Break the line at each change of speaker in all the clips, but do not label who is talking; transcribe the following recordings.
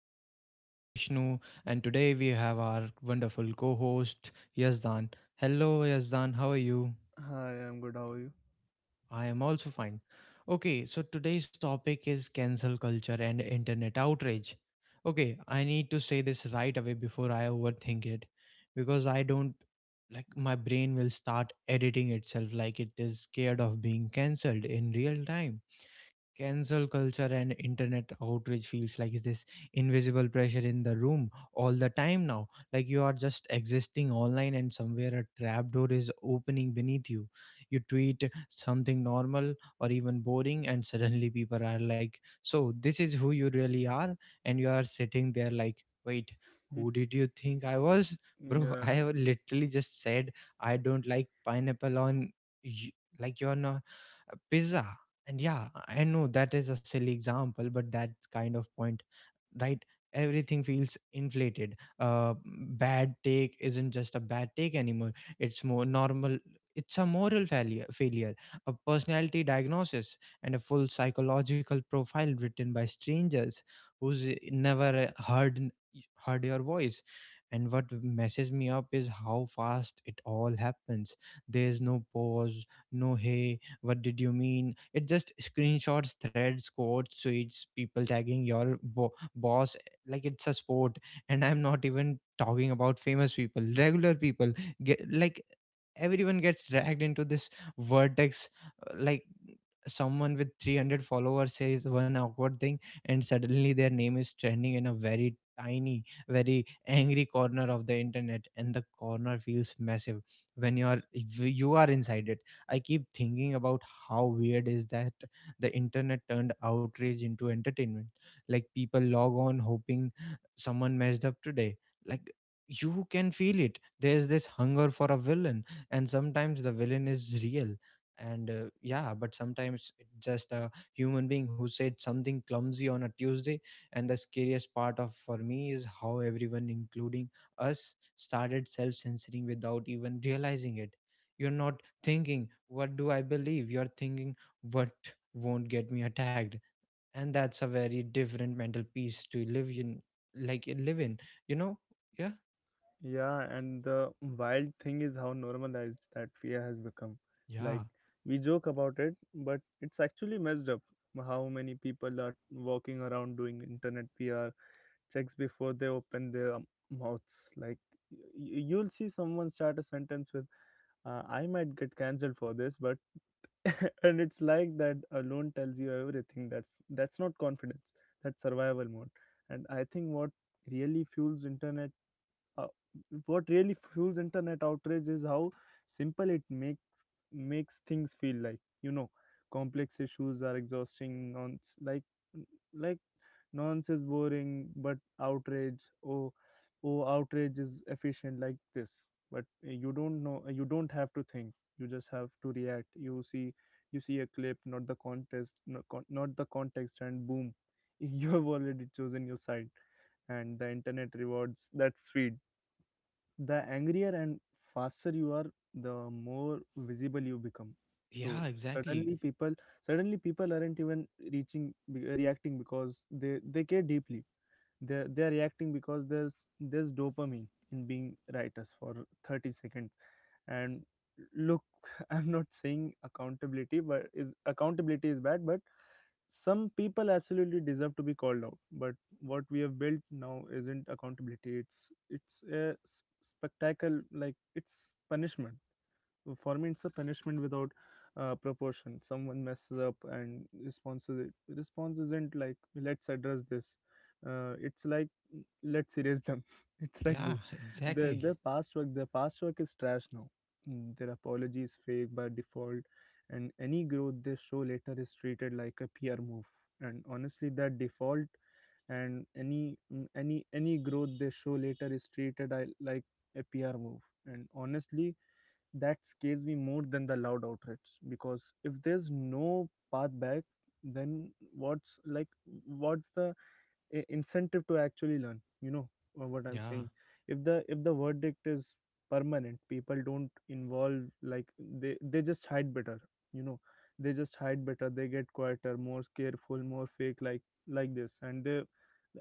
your host, Vishnu, and today we have our wonderful co host, Yazdan. Hello, Yazdan. How are you?
Hi, I'm good. How are you?
I am also fine. Okay, so today's topic is cancel culture and internet outrage. Okay, I need to say this right away before I overthink it because I don't like my brain will start editing itself, like it is scared of being cancelled in real time. Cancel culture and internet outrage feels like, is this invisible pressure in the room all the time now? Like you are just existing online and somewhere a trapdoor is opening beneath you. You tweet something normal or even boring and suddenly people are like, so this is who you really are. And you are sitting there like, wait, who did you think I was? Bro,
Yeah,
I have literally just said I don't like pineapple on you, like you're not, a pizza. And yeah, I know that is a silly example, but that kind of point, right? Everything feels inflated. Bad take isn't just a bad take anymore, it's more normal. It's a moral failure, a personality diagnosis, and a full psychological profile written by strangers who's never heard your voice. And what messes me up is how fast it all happens. There's no pause, no hey, what did you mean? It just screenshots, threads, quotes, tweets, people tagging your bo boss like it's a sport. And I'm not even talking about famous people, regular people get, like, everyone gets dragged into this vortex. Like, someone with 300 followers says one awkward thing and suddenly their name is trending in a very tiny, very angry corner of the internet, and the corner feels massive when you are, if you are inside it. I keep thinking about, how weird is that? The internet turned outrage into entertainment. Like people log on hoping someone messed up today. Like you can feel it, there's this hunger for a villain, and sometimes the villain is real, and yeah, but sometimes it's just a human being who said something clumsy on a Tuesday. And the scariest part of, for me, is how everyone, including us, started self-censoring without even realizing it. You're not thinking what do I believe, you're thinking what won't get me attacked. And that's a very different mental peace to live in, you know, yeah.
yeah. And the wild thing is how normalized that fear has become. Like,
Yeah.
we joke about it, but it's actually messed up. How many people are walking around doing internet PR checks before they open their mouths? Like, you'll see someone start a sentence with, "I might get cancelled for this," but and it's like that alone tells you everything, that's not confidence, that's survival mode. And I think what really fuels internet, uh, outrage is how simple it makes things feel, like complex issues are exhausting, non like nonsense, boring. But outrage, oh, oh, outrage is efficient, like this. But you don't have to think, you just have to react. You see a clip, not the context, and boom. You have already chosen your side, and the internet rewards that speed. The angrier and faster you are, the more visible you become. so
Yeah, exactly.
suddenly people Suddenly people aren't even reacting because they care deeply. They are reacting because there's dopamine in being writers for 30 seconds. And look, I'm not saying accountability is bad, but some people absolutely deserve to be called out. But what we have built now isn't accountability, it's a spectacle. Like, it's punishment. For me, it's a punishment without proportion. Someone messes up, and response isn't like, "Let's address this." It's like, "Let's erase them." It's like
Yeah,
this. their their
exactly.
past work their past work is trash now. Their apology is fake by default, and any growth they show later is treated like a peer move. And honestly, that default. And any growth they show later is treated, like a PR move. And honestly, that scares me more than the loud outrage, because if there's no path back, then what's like what's the incentive to actually learn. You know what I'm saying.
Yeah.
If the verdict is permanent, people don't involve. Like, they just hide better, you know. They just hide better. They get quieter, more careful, more fake, like this.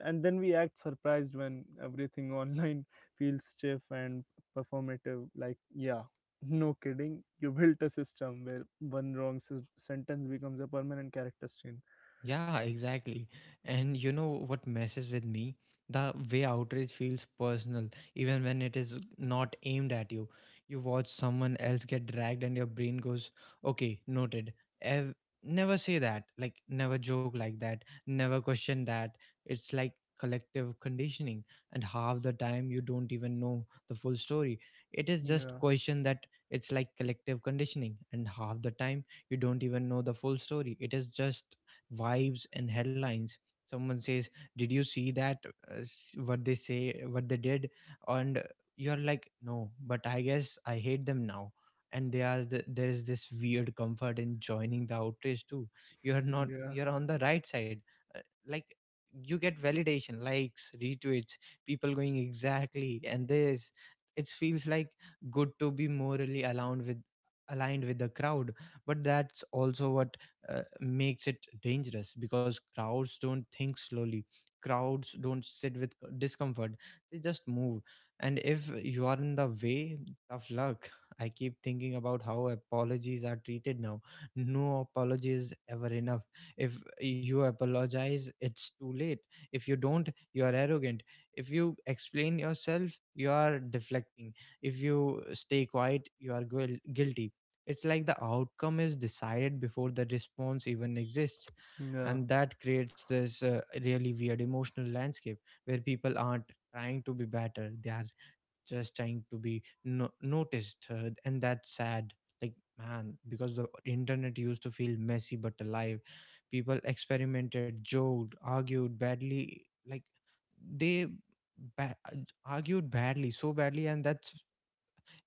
And then we act surprised when everything online feels stiff and performative. Like, yeah. No kidding, you built a system where one wrong sentence becomes a permanent character stain.
Yeah, exactly. And you know what messes with me? The way outrage feels personal, even when it is not aimed at you. You watch someone else get dragged, and your brain goes, okay, noted. Ev- Never say that. Like, never joke like that. Never question that. It's like collective conditioning. And half the time, you don't even know the full story. It is just
Yeah,
question that it's like collective conditioning. And half the time, you don't even know the full story. It is just vibes and headlines. Someone says, did you see that what they say, what they did? And you're like, no, but I guess I hate them now. And there is this weird comfort in joining the outrage too. You're not
yeah,
You're on the right side. Uh, like, you get validation, likes, retweets, people going exactly, and this, it feels like good to be morally aligned with the crowd. But that's also what, makes it dangerous, because crowds don't think slowly, crowds don't sit with discomfort, they just move. And if you are in the way, tough luck. I keep thinking about how apologies are treated now. No apology is ever enough. If you apologize, it's too late. If you don't, you are arrogant. If you explain yourself, you are deflecting. If you stay quiet, you are guilty. It's like the outcome is decided before the response even exists,
yeah.
and that creates this really weird emotional landscape where people aren't trying to be better; they are just trying to be noticed, and that's sad. Like, man, because the internet used to feel messy but alive. People experimented, joked, argued badly, like they ba- uh, argued badly, so badly, and that's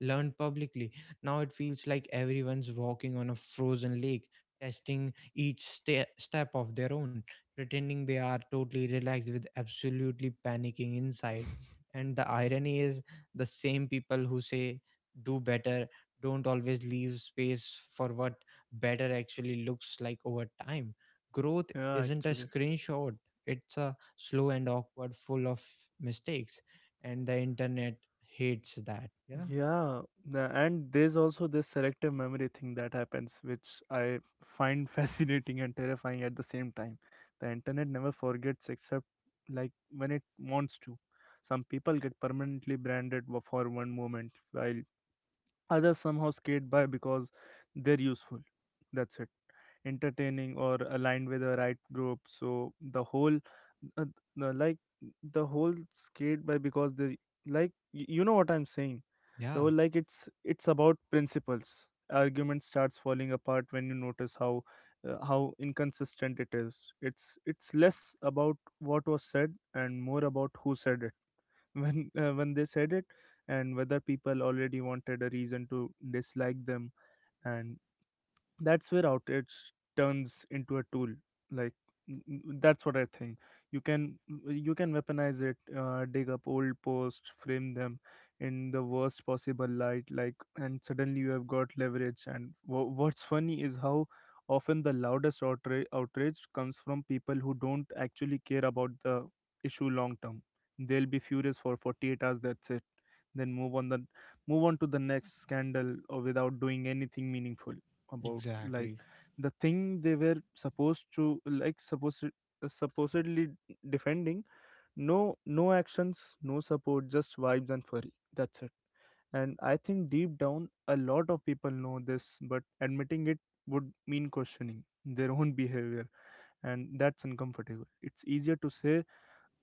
learned publicly. Now it feels like everyone's walking on a frozen lake, testing each step of their own, pretending they are totally relaxed with absolutely panicking inside. And the irony is, the same people who say, do better, don't always leave space for what better actually looks like over time. Growth
Yeah,
isn't a
actually.
screenshot, it's a slow and awkward, full of mistakes, and the internet hates that. Yeah.
Yeah, and there's also this selective memory thing that happens, which I find fascinating and terrifying at the same time. The internet never forgets, except, like, when it wants to. Some people get permanently branded, for one moment, while others somehow skate by because they're useful, that's it. Entertaining, or aligned with the right group. So the whole, uh, the, like the whole skate by because they, you know what I'm saying. The
Yeah,
whole, like, it's about principles argument starts falling apart when you notice how, inconsistent it is. It's less about what was said and more about who said it, when they said it, and whether people already wanted a reason to dislike them. And that's where outrage turns into a tool. Like, that's what I think. You can you can weaponize it, dig up old posts, frame them in the worst possible light, like, and suddenly you have got leverage. And what's funny is how often the loudest outrage comes from people who don't actually care about the issue long term. They'll be furious for 48 hours, that's it. Then move on, to the next scandal, or without doing anything meaningful about, like,
exactly.
the thing they were supposed to like supposed supposedly defending. No, no actions, no support, just vibes and furry, that's it. And I think deep down a lot of people know this, but admitting it would mean questioning their own behavior, and that's uncomfortable. It's easier to say,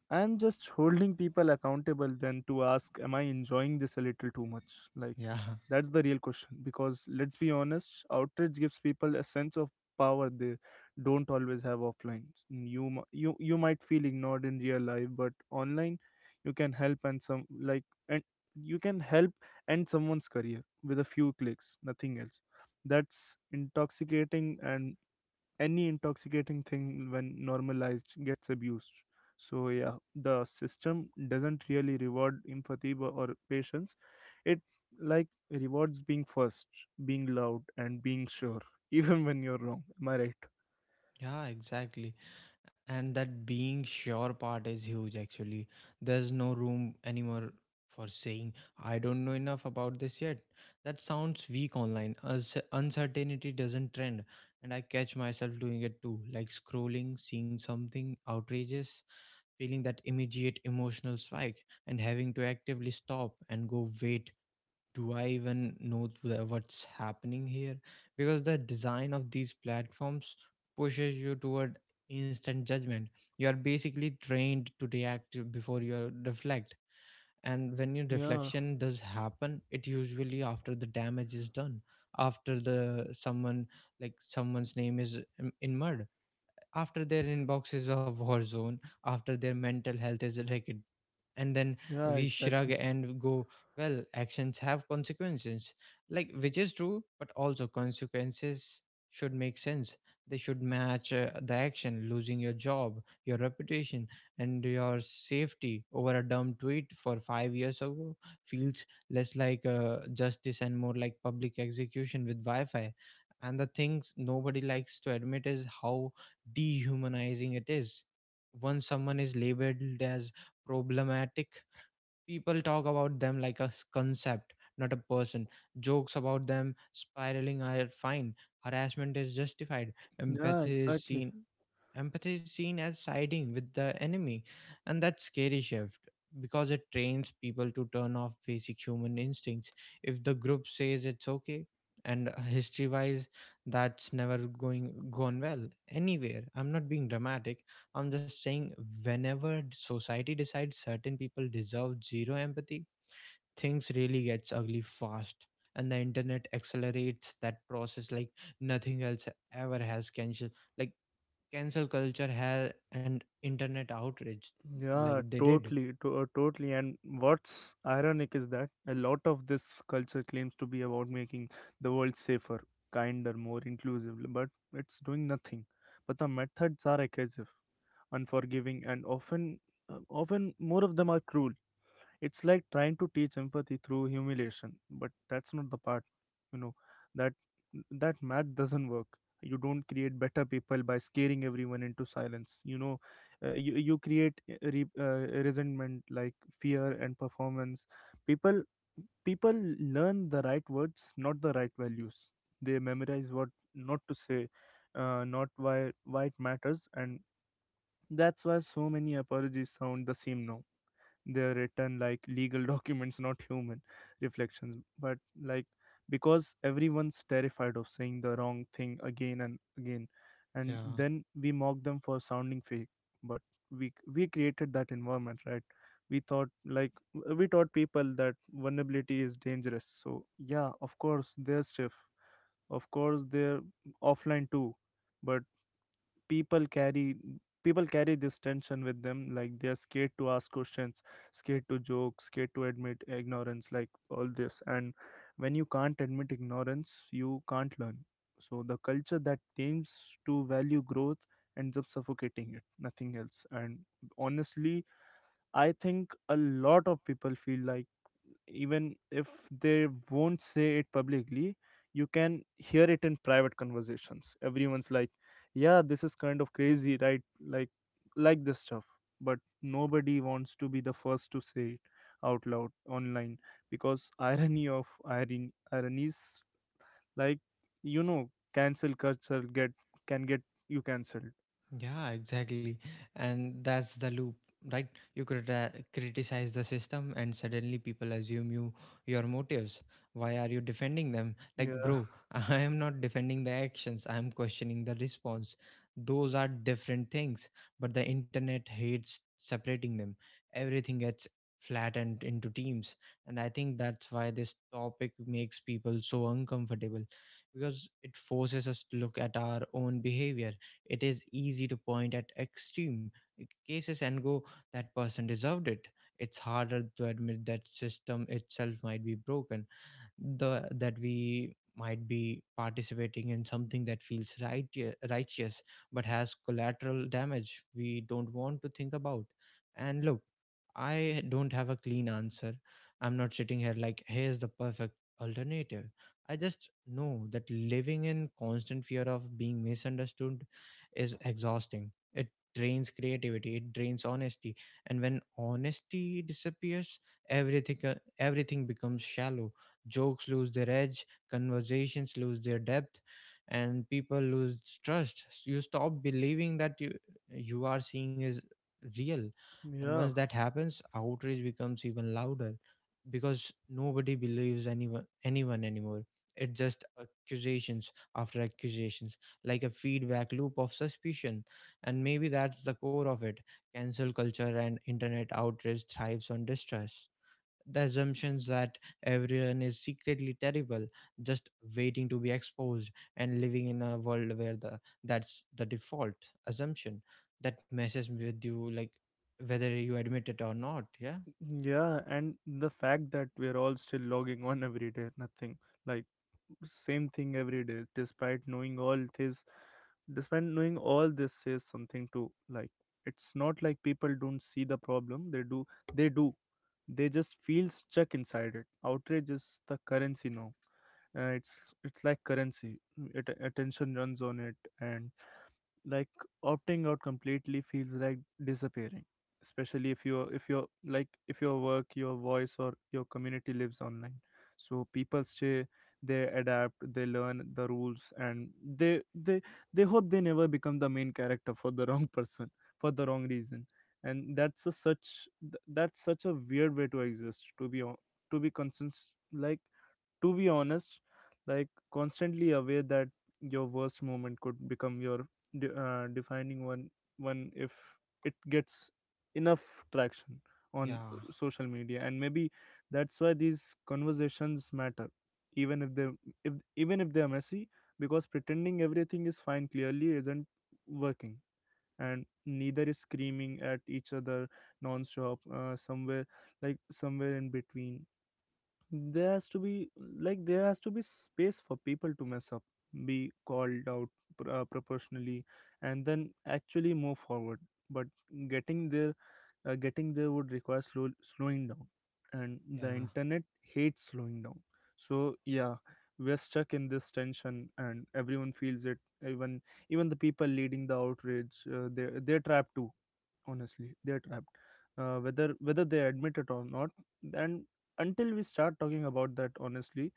"I'm just holding people accountable," than to ask, "Am I enjoying this a little too much?" Like,
Yeah,
that's the real question. Because let's be honest, outreach gives people a sense of power they don't always have offline. You might feel ignored in real life, but online, you can help and some, like, and you can help end someone's career with a few clicks, nothing else. That's intoxicating, and any intoxicating thing when normalized gets abused. So yeah, the system doesn't really reward empathy, or patience. It, like, rewards being first, being loud, and being sure, even when you're wrong, am I right?
yeah, exactly. And that being sure part is huge actually. There's no room anymore for saying, I don't know enough about this yet. That sounds weak online. Uncertainty doesn't trend. And I catch myself doing it too, like scrolling, seeing something outrageous, feeling that immediate emotional spike, and having to actively stop and go, wait, do I even know the, what's happening here? Because the design of these platforms pushes you toward instant judgment. You are basically trained to react before you reflect, and when your
Yeah,
reflection does happen, it usually after the damage is done. After the someone, like someone's name is in mud, after their inbox is a war zone, after their mental health is wrecked, and then
yeah,
we shrug
exactly.
and go, well, actions have consequences, like, which is true, but also consequences should make sense, they should match the action. Losing your job, your reputation, and your safety over a dumb tweet for 5 years ago feels less like justice and more like public execution with wi-fi. And the things nobody likes to admit is how dehumanizing it is. Once someone is labeled as problematic, people talk about them like a concept, not a person. Jokes about them spiraling are fine. Harassment is justified.
Yeah,
Empathy is
exactly.
seen, empathy is seen as siding with the enemy. And that's scary shift because it trains people to turn off basic human instincts. If the group says it's okay, and history wise, that's never going gone well anywhere. I'm not being dramatic. I'm just saying, whenever society decides certain people deserve zero empathy, things really gets ugly fast. And the internet accelerates that process like nothing else ever has. Cancel, like cancel culture has, and internet outrage, like
Yeah,
they did.
totally, totally. And what's ironic is that a lot of this culture claims to be about making the world safer, kinder, more inclusive, but it's doing nothing. But the methods are aggressive, unforgiving, and often more of them are cruel. It's like trying to teach empathy through humiliation, but that's not the part. You know, that that math doesn't work. You don't create better people by scaring everyone into silence. You know, you create, resentment, like fear and performance. People people learn the right words, not the right values. They memorize what not to say, not why it matters. And that's why so many apologies sound the same now. They are written like legal documents, not human reflections. But, like, because everyone's terrified of saying the wrong thing again and again. And
Yeah.
then we mock them for sounding fake. But we created that environment, right? we thought like We taught people that vulnerability is dangerous. So yeah, of course they're stiff. Of course they're offline too. But people carry people carry this tension with them. Like, they're scared to ask questions, scared to joke, scared to admit ignorance, like, all this. And when you can't admit ignorance, you can't learn. So the culture that aims to value growth ends up suffocating it, nothing else. And honestly, I think a lot of people feel like, even if they won't say it publicly, you can hear it in private conversations. Everyone's like, "Yeah, this is kind of crazy, right? Like, like this stuff." But nobody wants to be the first to say it out loud online, because, irony of ironies, like, you know, cancel culture, get can get you cancelled.
Yeah, exactly. And that's the loop, right? You could criticize the system and suddenly people assume you, your motives. Why are you defending them? Like,
Yeah,
bro, I am not defending the actions. I am questioning the response. Those are different things, but the internet hates separating them. Everything gets flattened into teams, and I think that's why this topic makes people so uncomfortable, because it forces us to look at our own behavior. It is easy to point at extreme cases and go, that person deserved it. It's harder to admit that system itself might be broken, the that we might be participating in something that feels right, righteous, but has collateral damage we don't want to think about. And look, I don't have a clean answer. I'm not sitting here like, here's the perfect alternative. I just know that living in constant fear of being misunderstood is exhausting. It drains creativity, it drains honesty, and when honesty disappears, everything becomes shallow. Jokes lose their edge, conversations lose their depth, and people lose trust. So you stop believing that you are seeing is real. And once
yeah.
that happens, outrage becomes even louder because nobody believes anyone anymore. It's just accusations after accusations, like a feedback loop of suspicion. And maybe that's the core of it. Cancel culture and internet outrage thrives on distrust, the assumptions that everyone is secretly terrible, just waiting to be exposed, and living in a world where the that's the default assumption, that messes with you, like, whether you admit it or not. Yeah.
Yeah, and the fact that we're all still logging on every day, nothing like, same thing every day, despite knowing all this, says something. To, like, it's not like people don't see the problem, they do, they do, they just feel stuck inside it. Outrage is the currency now. It's like currency. Attention runs on it, and, like, opting out completely feels like disappearing, especially if your like if your work, your voice, or your community lives online. So people stay. They adapt, they learn the rules, and they hope they never become the main character for the wrong person, for the wrong reason. And that's that's such a weird way to exist. To be, to be consistent, like, to be honest, like, constantly aware that your worst moment could become your defining one if it gets enough traction on
Yeah,
social media. And maybe that's why these conversations matter, even if they even if they are messy. Because pretending everything is fine clearly isn't working, and neither is screaming at each other non-stop. Somewhere in between, there has to be there has to be space for people to mess up, be called out proportionally, and then actually move forward. But getting there getting there would require slowing down. And the
yeah.
internet hates slowing down. So yeah, we're stuck in this tension, and everyone feels it. Even even the people leading the outrage, they're trapped too. Honestly, they're trapped, whether they admit it or not. And until we start talking about that honestly,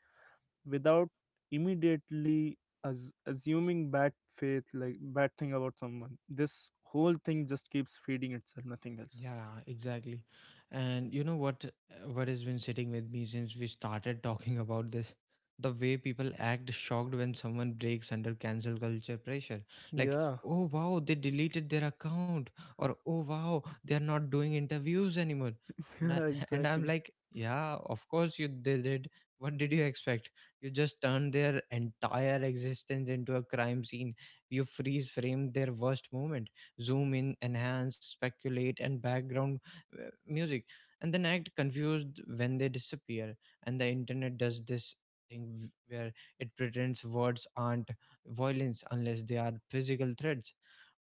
without immediately as assuming bad faith, like, bad thing about someone, this whole thing just keeps feeding itself, nothing else.
Yeah, exactly. And you know what has been sitting with me since we started talking about this? The way people act shocked when someone breaks under cancel culture pressure. Like,
Yeah,
oh wow, they deleted their account, or oh wow, they're not doing interviews anymore. And, I,
yeah,
and I'm
exactly.
like, yeah, of course you they did. What did you expect? You just turned their entire existence into a crime scene. You freeze framed their worst moment, zoom in, enhance, speculate, and background music, and then act confused when they disappear. And the internet does this thing where it pretends words aren't violence unless they are physical threats.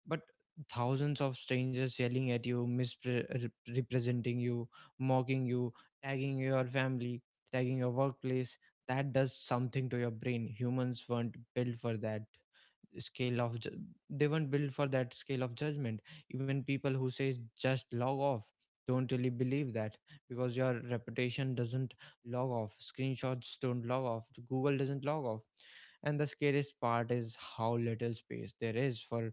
But thousands of strangers yelling at you, misrepresenting you, mocking you, tagging your family, tagging your workplace, that does something to your brain. Humans weren't built for that scale of ju- they weren't built for that scale of judgment. Even people who say just log off don't really believe that, because your reputation doesn't log off, screenshots don't log off, Google doesn't log off. And the scariest part is how little space there is for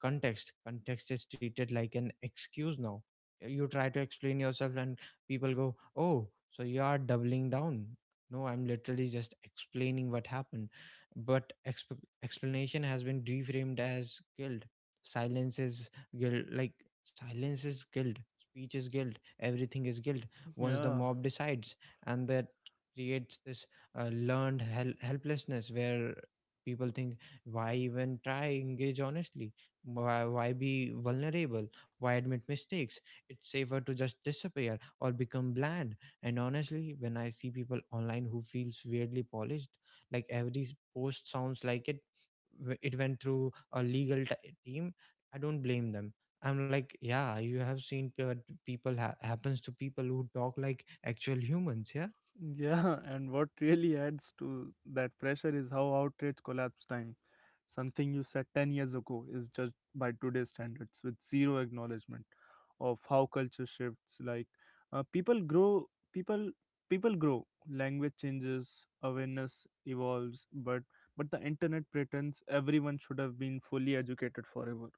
context. Context is treated like an excuse now. You try to explain yourself and people go, oh, so you are doubling down. No, I'm literally just explaining what happened. But explanation has been reframed as guilt. Silence is guilt, like, silence is guilt, speech is guilt, everything is guilt. Once the
Yeah.
mob decides, and that creates this learned helplessness where people think, why even try engage honestly? Why be vulnerable? Why admit mistakes? It's safer to just disappear or become bland. And honestly, when I see people online who feels weirdly polished, like every post sounds like it it went through a legal team, I don't blame them. I'm like, yeah, you have seen people, happens to people who talk like actual humans. Yeah.
Yeah, and what really adds to that pressure is how outrage collapse time. Something you said 10 years ago is judged by today's standards with zero acknowledgement of how culture shifts. Like, people grow, people people grow, language changes, awareness evolves, but the internet pretends everyone should have been fully educated forever.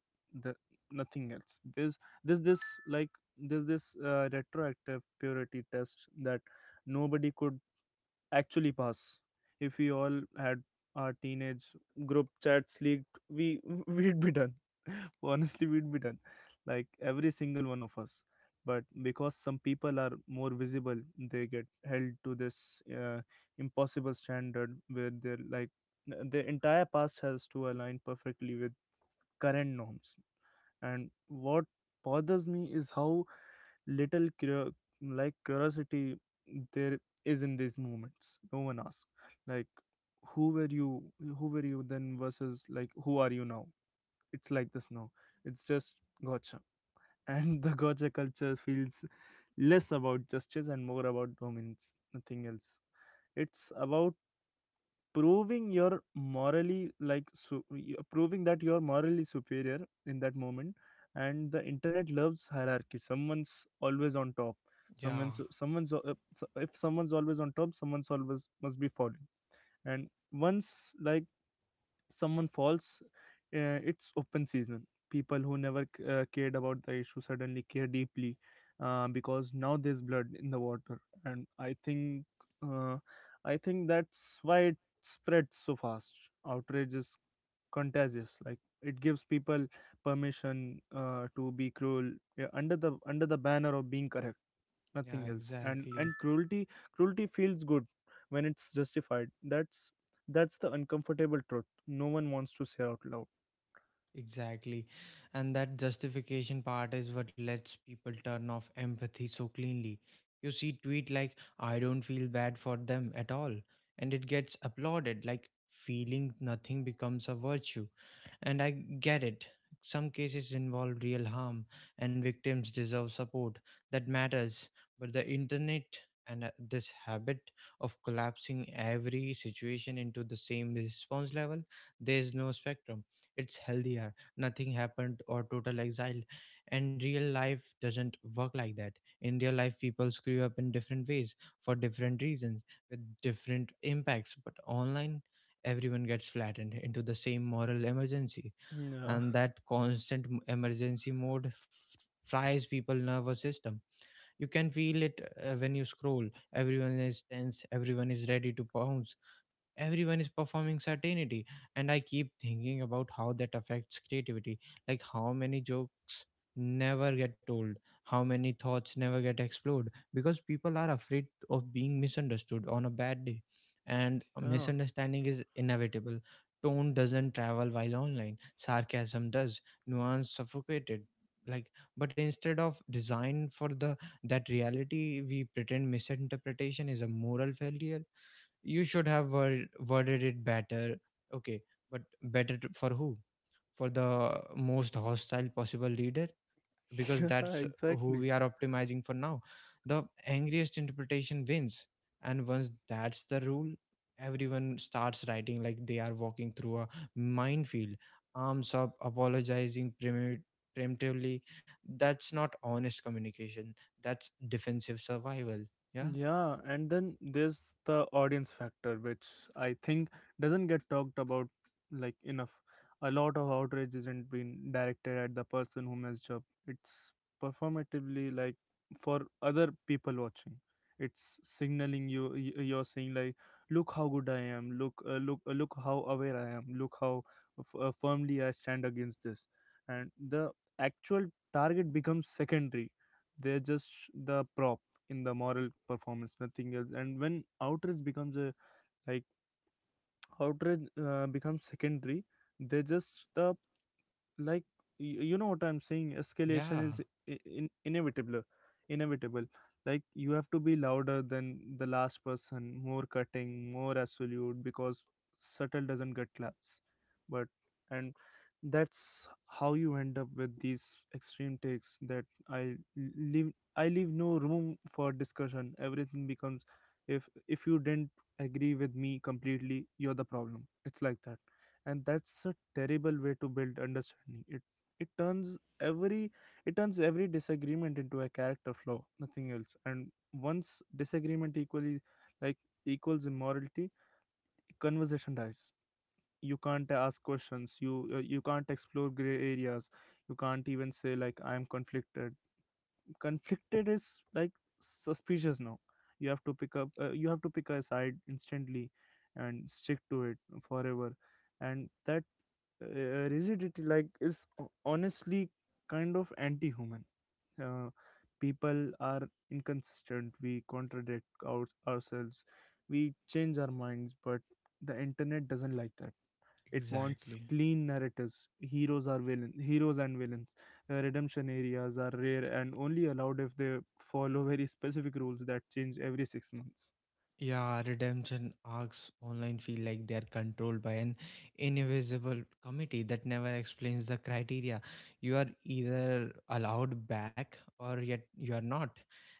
The, nothing else. There's this like there's this retroactive purity test that nobody could actually pass. If we all had our teenage group chats leaked, we we'd be done. Honestly, we'd be done. Like every single one of us. But because some people are more visible, they get held to this impossible standard where they're like the entire past has to align perfectly with current norms. And what bothers me is how little curiosity there is in these moments. No one asks, like, who were you who were you then versus, like, who are you now? It's like this now. It's just gotcha, and the gotcha culture feels less about justice and more about dominance, nothing else it's about proving you're morally proving that you're morally superior in that moment. And the internet loves hierarchy. Someone's always on top.
Yeah,
If someone's always on top, someone's always must be falling. And once, like, someone falls, it's open season. People who never cared about the issue suddenly care deeply, because now there's blood in the water. And I think, uh, I think that's why it spreads so fast. Outrage is contagious. Like, it gives people permission to be cruel under the banner of being correct, nothing
yeah,
else and
exactly.
cruelty feels good when it's justified. That's the uncomfortable truth no one wants to say out loud.
Exactly. And that justification part is what lets people turn off empathy so cleanly. You see tweet like, I don't feel bad for them at all, and it gets applauded, like feeling nothing becomes a virtue. And I get it. Some cases involve real harm and victims deserve support, that matters, but the internet and this habit of collapsing every situation into the same response level, there's no spectrum, it's healthier nothing happened or total exile. And real life doesn't work like that. In real life people screw up in different ways, for different reasons, with different impacts, but online everyone gets flattened into the same moral emergency.
Yeah.
And that constant emergency mode fries people nervous system. You can feel it when you scroll. Everyone is tense, everyone is ready to pounce, everyone is performing certainty. And I keep thinking about how that affects creativity, like how many jokes never get told, how many thoughts never get explored because people are afraid of being misunderstood on a bad day. And
Yeah.
misunderstanding is inevitable. Tone doesn't travel while online sarcasm does. Nuance suffocated, like, but instead of design for the that reality, we pretend misinterpretation is a moral failure. You should have worded it better. Okay, but for who? For the most hostile possible leader. Because
Yeah,
that's who we
exactly.
are optimizing for now. The angriest interpretation wins. And once that's the rule, everyone starts writing like they are walking through a minefield, arms up, apologizing preemptively. That's not honest communication, that's defensive survival. Yeah.
Yeah, and then there's the audience factor, which I think doesn't get talked about, like, enough. A lot of outrage isn't being directed at the person who messed up. It's performatively, like, for other people watching. It's signaling. You're saying, like, "Look how good I am. Look how aware I am. Look how firmly I stand against this." And the actual target becomes secondary. They're just the prop in the moral performance, nothing else and when outrage becomes a, like, outrage becomes secondary, they just the, like, you know what I'm saying, escalation
Yeah,
is inevitable. inevitable like, you have to be louder than the last person, more cutting, more absolute, because subtle doesn't get claps. But and that's how you end up with these extreme takes that I leave I leave no room for discussion. Everything becomes, if you didn't agree with me completely, you're the problem. It's like that. And that's a terrible way to build understanding. It turns every it turns every disagreement into a character flaw, nothing else and once disagreement equally like equals immorality, conversation dies. You can't ask questions. You can't explore gray areas. You can't even say, like, I'm conflicted. Conflicted is, like, suspicious now. You have to pick up you have to pick a side instantly and stick to it forever. And that, uh, rigidity, like, is honestly kind of anti-human. uh, People are inconsistent. We contradict ourselves. We change our minds, but the internet doesn't like that. It wants
exactly.
clean narratives. Heroes are villains. Heroes and villains. Redemption areas are rare and only allowed if they follow very specific rules that change every 6 months.
Yeah, redemption arcs online feel like they are controlled by an invisible committee that never explains the criteria. You are either allowed back or yet you are not,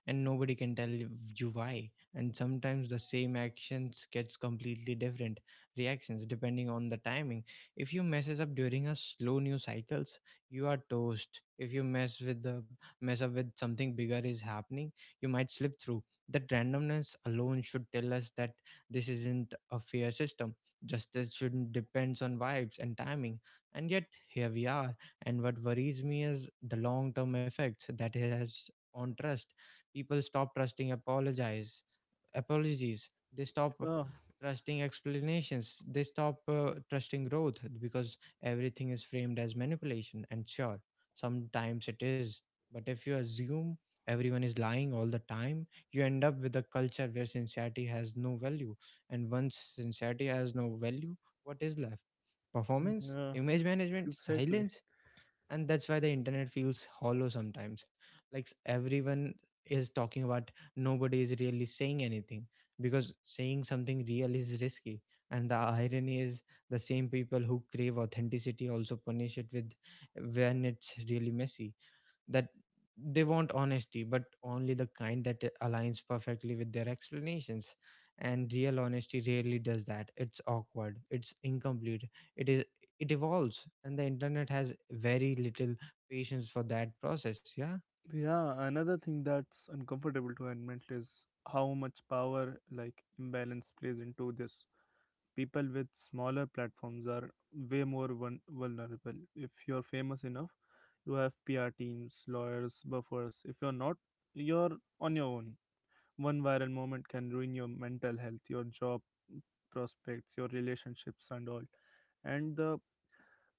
and nobody can tell you why. And sometimes the same actions gets completely different reactions depending on the timing. If you messes up during a slow news cycles, you are toast. If you mess up with something bigger is happening, you might slip through. That randomness alone should tell us that this isn't a fair system. Justice shouldn't depends on vibes and timing. And yet here we are. And what worries me is the long term effects that it has on trust. People stop trusting apologize apologies. They stop
Oh,
trusting explanations. They stop trusting growth, because everything is framed as manipulation. And sure, sometimes it is. But if you assume everyone is lying all the time, you end up with a culture where sincerity has no value. And once sincerity has no value, what is left? Performance,
yeah,
image management,
exactly.
silence. And that's why the internet feels hollow sometimes, like everyone is talking about nobody is really saying anything, because saying something real is risky. And the irony is the same people who crave authenticity also punish it with when it's really messy, that they want honesty, but only the kind that aligns perfectly with their explanations. And real honesty rarely does that. It's awkward, it's incomplete, it is, it evolves, and the internet has very little patience for that process. Yeah.
Yeah, another thing that's uncomfortable to admit is how much power, like, imbalance plays into this. People with smaller platforms are way more vulnerable. If you're famous enough, you have PR teams, lawyers, buffers. If you're not, you're on your own. One viral moment can ruin your mental health, your job prospects, your relationships, and all. And the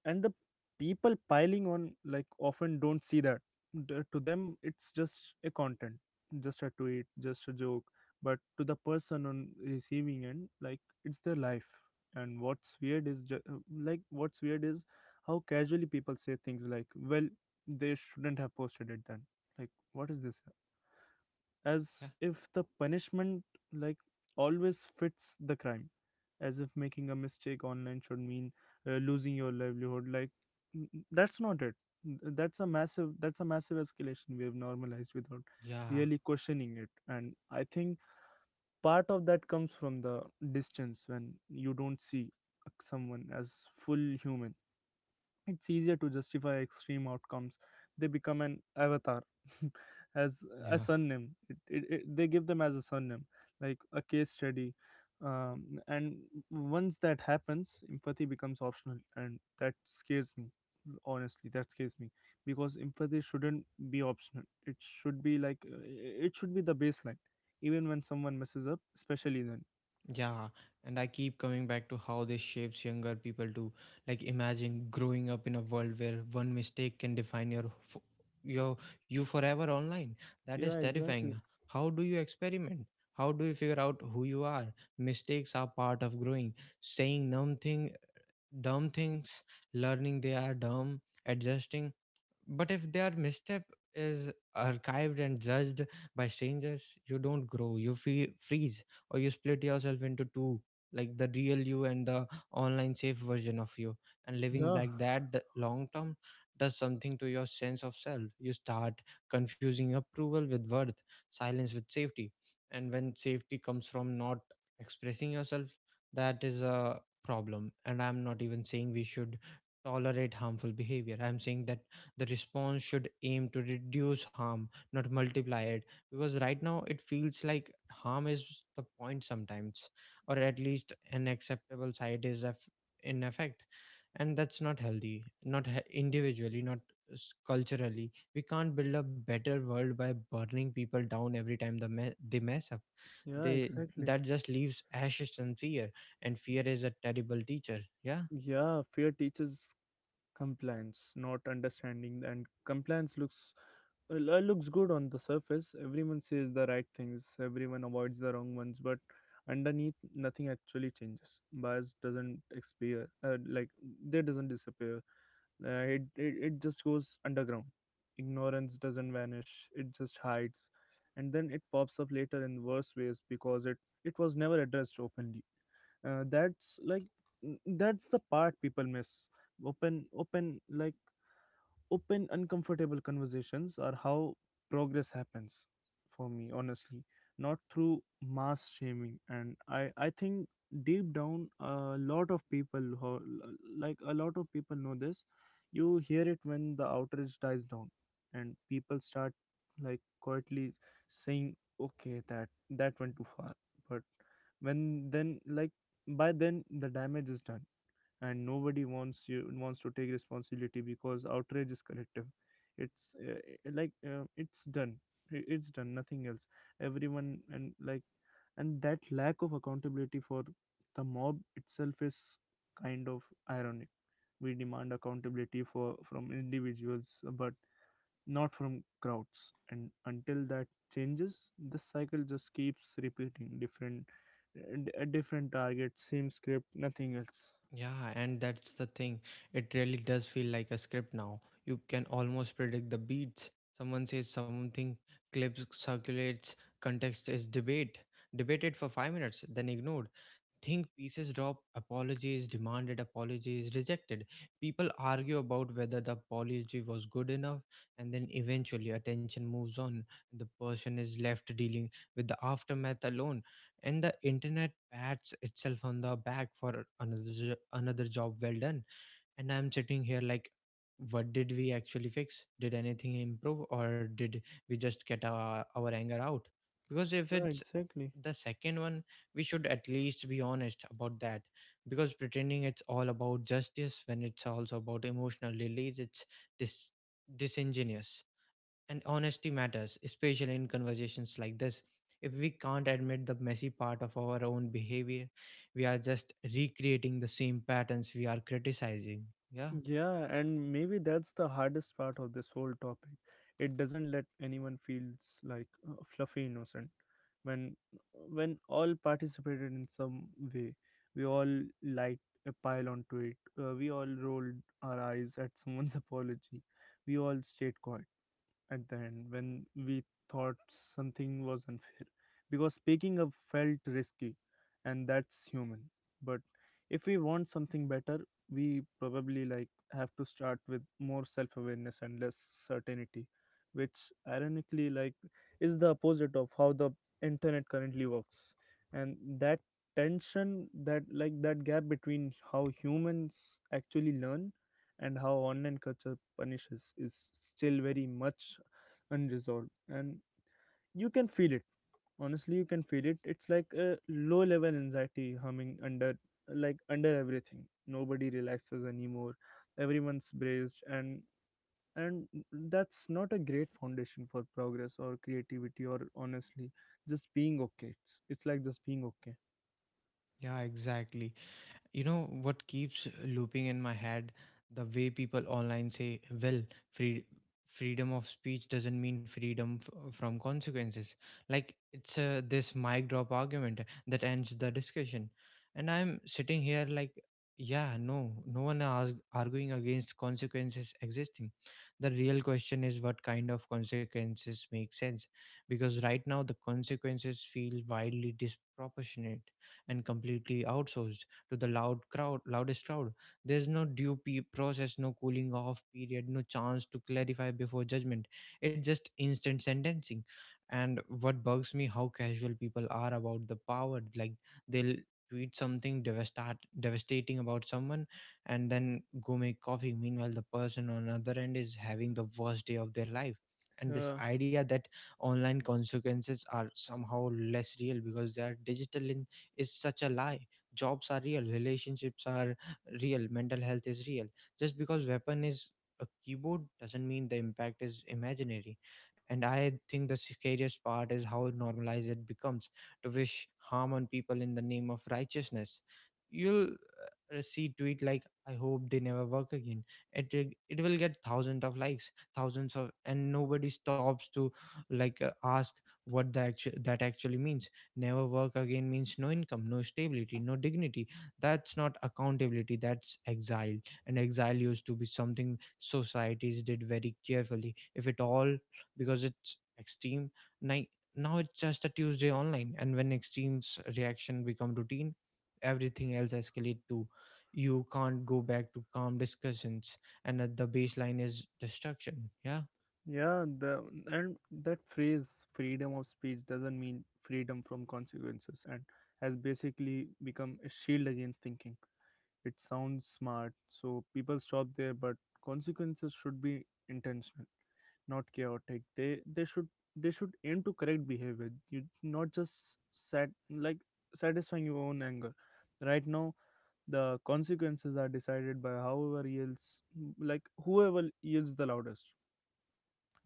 and the people piling on, like, often don't see that. To them, it's just a content, just a tweet, just a joke. But to the person on receiving end, like, it's their life. And what's weird is like what's weird is how casually people say things like, "Well, they shouldn't have posted it then." Like, what is this?
Yeah,
As if the punishment, like, always fits the crime. As if making a mistake online should mean losing your livelihood. Like, that's not it. That's a massive escalation we have normalized without
yeah,
really questioning it. And I think part of that comes from the distance. When you don't see someone as full human, it's easier to justify extreme outcomes. They become an avatar as a
yeah.
surname. They give them as a surname, like a case study. And once that happens, empathy becomes optional, and that scares me. Honestly, that scares me, because empathy shouldn't be optional. It should be like, it should be the baseline, even when someone messes up, especially then.
Yeah, and I keep coming back to how this shapes younger people too. Like imagine growing up in a world where one mistake can define your your you forever online. That is
Yeah,
terrifying.
exactly.
How do you experiment? How do you figure out who you are? Mistakes are part of growing. Saying dumb things, learning they are dumb, adjusting. But if their misstep is archived and judged by strangers, you don't grow, you freeze, or you split yourself into two, like the real you and the online safe version of you. And living
Yeah.
like that the long term does something to your sense of self. You start confusing approval with worth, silence with safety. And when safety comes from not expressing yourself, that is a problem. And I'm not even saying we should tolerate harmful behavior. I'm saying that the response should aim to reduce harm, not multiply it, because right now it feels like harm is the point sometimes, or at least an acceptable in effect. And that's not healthy, not individually, not culturally. We can't build a better world by burning people down every time they mess up.
Yeah,
They
exactly.
That just leaves ashes and fear. And fear is a terrible teacher. Yeah.
Yeah, fear teaches compliance, not understanding. And compliance looks, looks good on the surface. Everyone says the right things, everyone avoids the wrong ones, but underneath nothing actually changes. Bias doesn't expire. They doesn't disappear. It just goes underground. Ignorance doesn't vanish, it just hides, and then it pops up later in worse ways, because it was never addressed openly. uh, that's like that's the part people miss. open open like Open uncomfortable conversations are how progress happens, for me honestly, not through mass shaming. And I think deep down a lot of people who, like a lot of people know this. You hear it when the outrage dies down and people start, like, quietly saying, okay, that went too far, but when then like by then the damage is done, and nobody wants to take responsibility because outrage is collective. It's, it's done. It's done, nothing else everyone. And that lack of accountability for the mob itself is kind of ironic. We demand accountability for from individuals but not from crowds, and until that changes, the cycle just keeps repeating. Different A different target, same script, nothing else
Yeah, and that's the thing. It really does feel like a script now. You can almost predict the beats. Someone says something, clips circulates, context is debate, debated for 5 minutes, then ignored, think pieces drop, apologies demanded, apologies rejected, people argue about whether the apology was good enough, and then eventually attention moves on, and the person is left dealing with the aftermath alone, and the internet pats itself on the back for another another job well done. And I'm sitting here like, what did we actually fix? Did anything improve, or did we just get our anger out? Because if
yeah,
it's
exactly.
the second one, we should at least be honest about that. Because pretending it's all about justice when it's also about emotional release, it's dis- disingenuous. And honesty matters, especially in conversations like this. If we can't admit the messy part of our own behavior, we are just recreating the same patterns we are criticizing. Yeah.
Yeah, and maybe that's the hardest part of this whole topic. It doesn't let anyone feels like, fluffy innocent. When when all participated in some way, we all light a pile onto it. We all rolled our eyes at someone's apology. We all stayed quiet at the end when we thought something was unfair because speaking up felt risky, and that's human. But if we want something better, we probably, like, have to start with more self-awareness and less certainty, which ironically, like, is the opposite of how the internet currently works. And that tension, that gap between how humans actually learn and how online culture punishes is still very much unresolved, and you can feel it. Honestly, you can feel it. It's like a low level anxiety humming under, like, under everything. Nobody relaxes anymore. Everyone's braced, and that's not a great foundation for progress or creativity or, honestly, just being okay. It's like Just being okay.
Yeah, exactly. You know what keeps looping in my head? The way people online say, well, free, freedom of speech doesn't mean freedom from consequences. Like it's this mic drop argument that ends the discussion. And I'm sitting here like, yeah, no, no one is arguing against consequences existing. The real question is what kind of consequences make sense. Because right now, the consequences feel wildly disproportionate and completely outsourced to the loudest crowd. There's no due process, no cooling off period, no chance to clarify before judgment. It's just instant sentencing. And what bugs me how casual people are about the power, like they'll tweet something devastating about someone and then go make coffee, meanwhile the person on other end is having the worst day of their life. And this
Yeah.
idea that online consequences are somehow less real because they are digital in is such a lie. Jobs are real, relationships are real, mental health is real. Just because weapon is a keyboard doesn't mean the impact is imaginary. And I think the scariest part is how normalized it becomes to wish harm on people in the name of righteousness. You'll see tweet like, I hope they never work again. it it will get thousands of likes, thousands of, and nobody stops to ask what that actually means. Never work again means no income, no stability, no dignity. That's not accountability, that's exile. And exile used to be something societies did very carefully, if at all, because it's extreme. Ni- Now it's just a Tuesday online, and when extremes reaction become routine, everything else escalate too. You can't go back to calm discussions, and at the baseline is destruction. Yeah.
yeah the and That phrase, freedom of speech doesn't mean freedom from consequences, and has basically become a shield against thinking. It sounds smart, so people stop there, but consequences should be intentional, not chaotic. They should aim to correct behavior, You not just satisfying your own anger. Right now, the consequences are decided by however yells like whoever yells the loudest,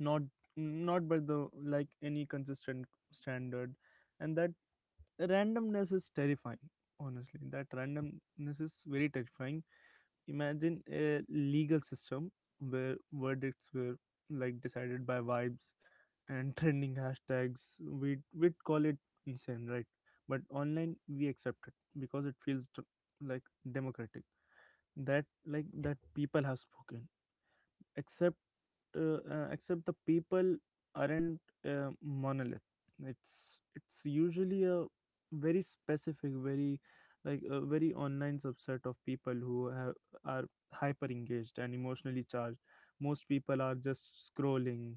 not not by the like any consistent standard, and that randomness is terrifying. Honestly, that randomness is very terrifying. Imagine a legal system where verdicts were, like, decided by vibes and trending hashtags. We'd call it insane, right? But online, we accept it because it feels like democratic, that people have spoken, except, except the people aren't, monolith. It's usually a very specific, very, like, a very online subset of people who are hyper engaged and emotionally charged. Most people are just scrolling,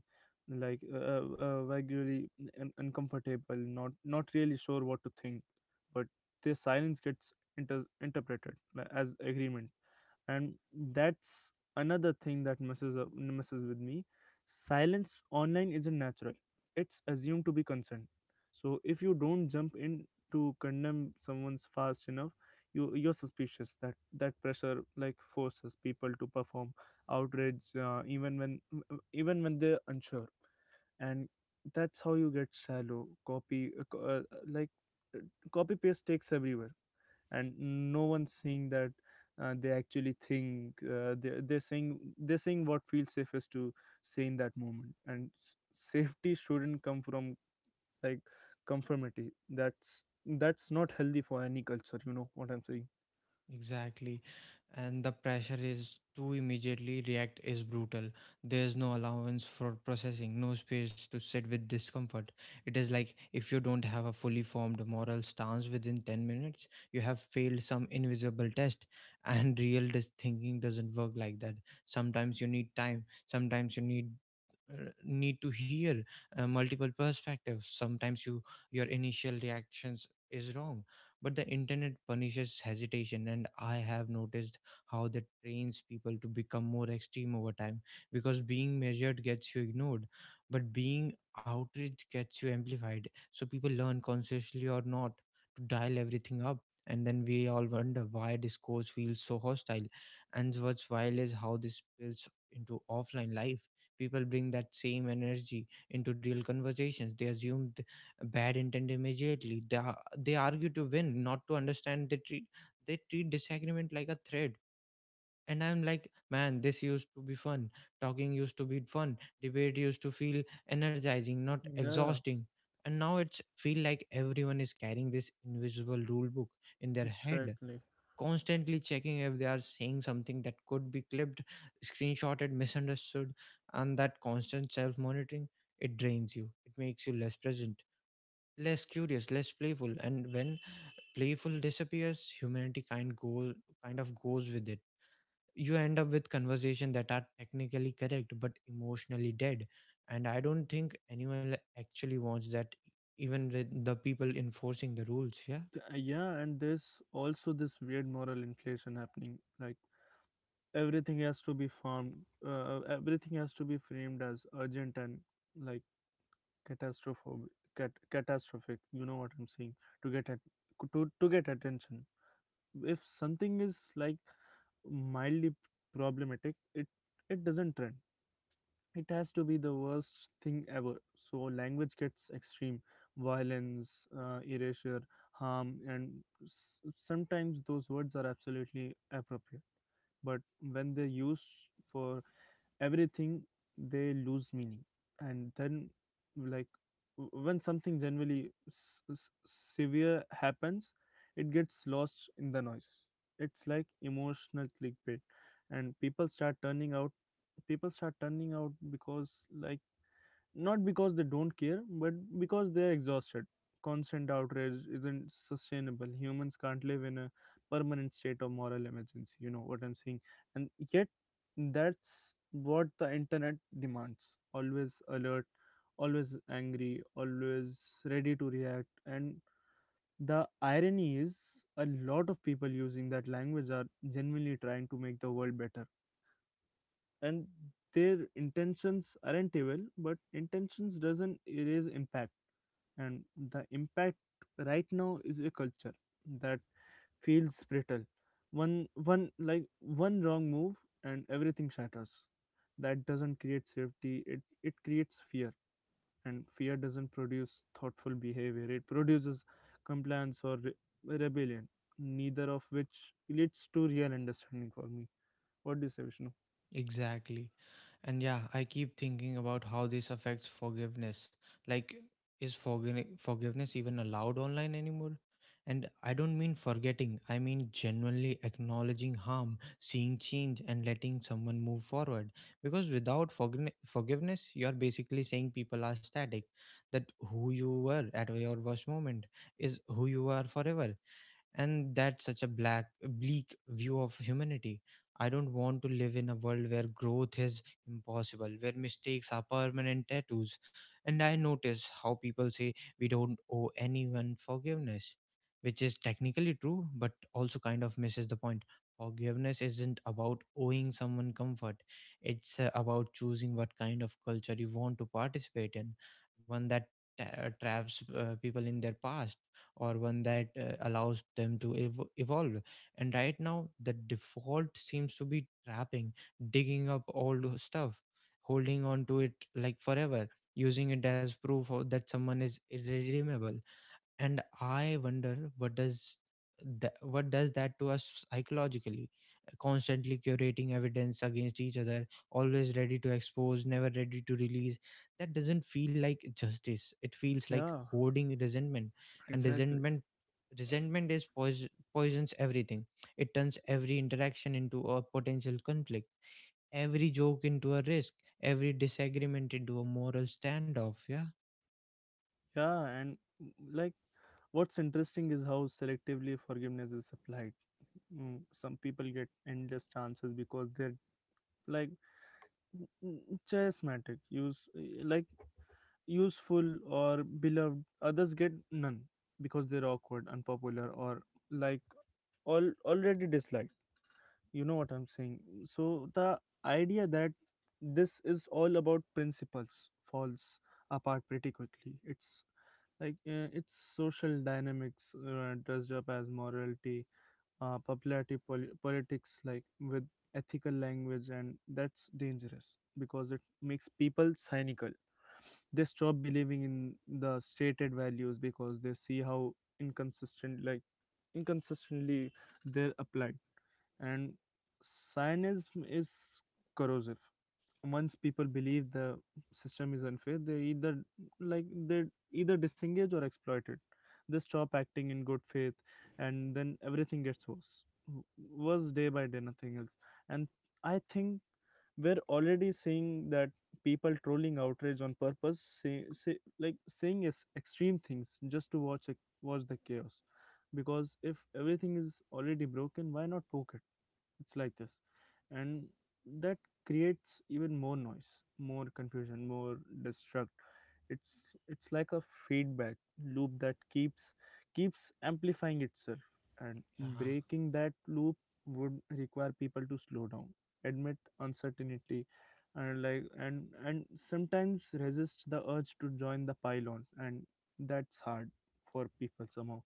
like, regularly uncomfortable, not really sure what to think, but their silence gets interpreted, like, as agreement, and that's another thing that messes with me. Silence online isn't natural, it's assumed to be consent. So if you don't jump in to condemn someone's fast enough, you're suspicious. That pressure, like, forces people to perform outrage, even when they're unsure. And that's how you get shallow copy co- like uh, copy paste takes everywhere, and no one's saying that, they actually think. They're saying what feels safest to say in that moment, and safety shouldn't come from, like, conformity. That's not healthy for any culture, you know what I'm saying?
Exactly. And the pressure is to immediately react is brutal. There's no allowance for processing, no space to sit with discomfort. It is like if you don't have a fully formed moral stance within 10 minutes, you have failed some invisible test. And real thinking doesn't work like that. Sometimes you need time, sometimes you need to hear multiple perspectives. Sometimes your initial reactions is wrong, but the internet punishes hesitation, and I have noticed how that trains people to become more extreme over time, because being measured gets you ignored, but being outraged gets you amplified, so people learn, consciously or not, to dial everything up. And then we all wonder why discourse feels so hostile. And what's wild is how this spills into offline life. People bring that same energy into real conversations. They assume bad intent immediately. They argue to win, not to understand. They treat disagreement like a threat. And I'm like, man, this used to be fun. Talking used to be fun. Debate used to feel energizing, not
Yeah,
exhausting. And now it's feel like everyone is carrying this invisible rule book in their head,
exactly.
constantly checking if they are saying something that could be clipped, screenshotted, misunderstood. And that constant self monitoring, it drains you. It makes you less present, less curious, less playful. And when playful disappears, humanity kind of goes with it. You end up with conversation that are technically correct but emotionally dead, and I don't think anyone actually wants that. Even with the people enforcing the rules, yeah.
Yeah, and there's also this weird moral inflation happening, like everything has to be formed everything has to be framed as urgent and like catastrophic. Catastrophic, you know what I'm saying, to get at to get attention. If something is mildly problematic, it doesn't trend. It has to be the worst thing ever. So language gets extreme: violence, erasure, harm. And sometimes those words are absolutely appropriate, but when they're used for everything, they lose meaning. And then, like when something generally severe happens, it gets lost in the noise. It's like emotional clickbait. And people start turning out, people start turning out because, like not because they don't care, but because they're exhausted. Constant outrage isn't sustainable. Humans can't live in a permanent state of moral emergency. You know what I'm saying? And yet, that's what the internet demands: always alert, always angry, always ready to react. And the irony is, a lot of people using that language are genuinely trying to make the world better, and their intentions aren't evil, but intentions doesn't erase impact. And the impact right now is a culture that feels brittle. One wrong move and everything shatters. That doesn't create safety, it creates fear. And fear doesn't produce thoughtful behavior, it produces compliance or rebellion, neither of which leads to real understanding. For me, what do you say, Vishnu?
Exactly. And yeah, I keep thinking about how this affects forgiveness. Like, is forgiveness even allowed online anymore? And I don't mean forgetting, I mean genuinely acknowledging harm, seeing change, and letting someone move forward. Because without forgiveness, you're basically saying people are static, that who you were at your worst moment is who you are forever, and that's such a black, bleak view of humanity. I don't want to live in a world where growth is impossible, where mistakes are permanent tattoos. And I notice how people say we don't owe anyone forgiveness, which is technically true but also kind of misses the point. Forgiveness isn't about owing someone comfort, it's about choosing what kind of culture you want to participate in. One that traps people in their past, or one that allows them to evolve. And right now the default seems to be trapping, digging up old stuff, holding on to it like forever, using it as proof that someone is irredeemable. And I wonder, what does that to us psychologically? Constantly curating evidence against each other, always ready to expose, never ready to release. That doesn't feel like justice, it feels like
Yeah.
hoarding resentment. And
Exactly.
resentment is poison, poisons everything. It turns every interaction into a potential conflict, every joke into a risk, every disagreement into a moral standoff, yeah.
Yeah, and mm, like what's interesting is how selectively forgiveness is applied. Some people get endless chances because they're like mm, mm, charismatic, useful or beloved. Others get none because they're awkward, unpopular, or like all already disliked. You know what I'm saying? So the idea that this is all about principles falls apart pretty quickly. It's it's social dynamics dressed up as morality, popularity politics with ethical language. And that's dangerous because it makes people cynical. They stop believing in the stated values because they see how inconsistent like inconsistently they're applied. And cynism is corrosive. Once people believe the system is unfair, they either like they either disengage or exploit it. They stop acting in good faith, and then everything gets worse, worse day by day, nothing else. And I think we're already seeing that: people trolling outrage on purpose, saying is extreme things just to watch the chaos. Because if everything is already broken, why not poke it? It's like this. And that creates even more noise, more confusion, more destruct. It's like a feedback loop that keeps amplifying itself. And breaking that loop would require people to slow down, admit uncertainty, and sometimes resist the urge to join the pylon. And that's hard for people somehow.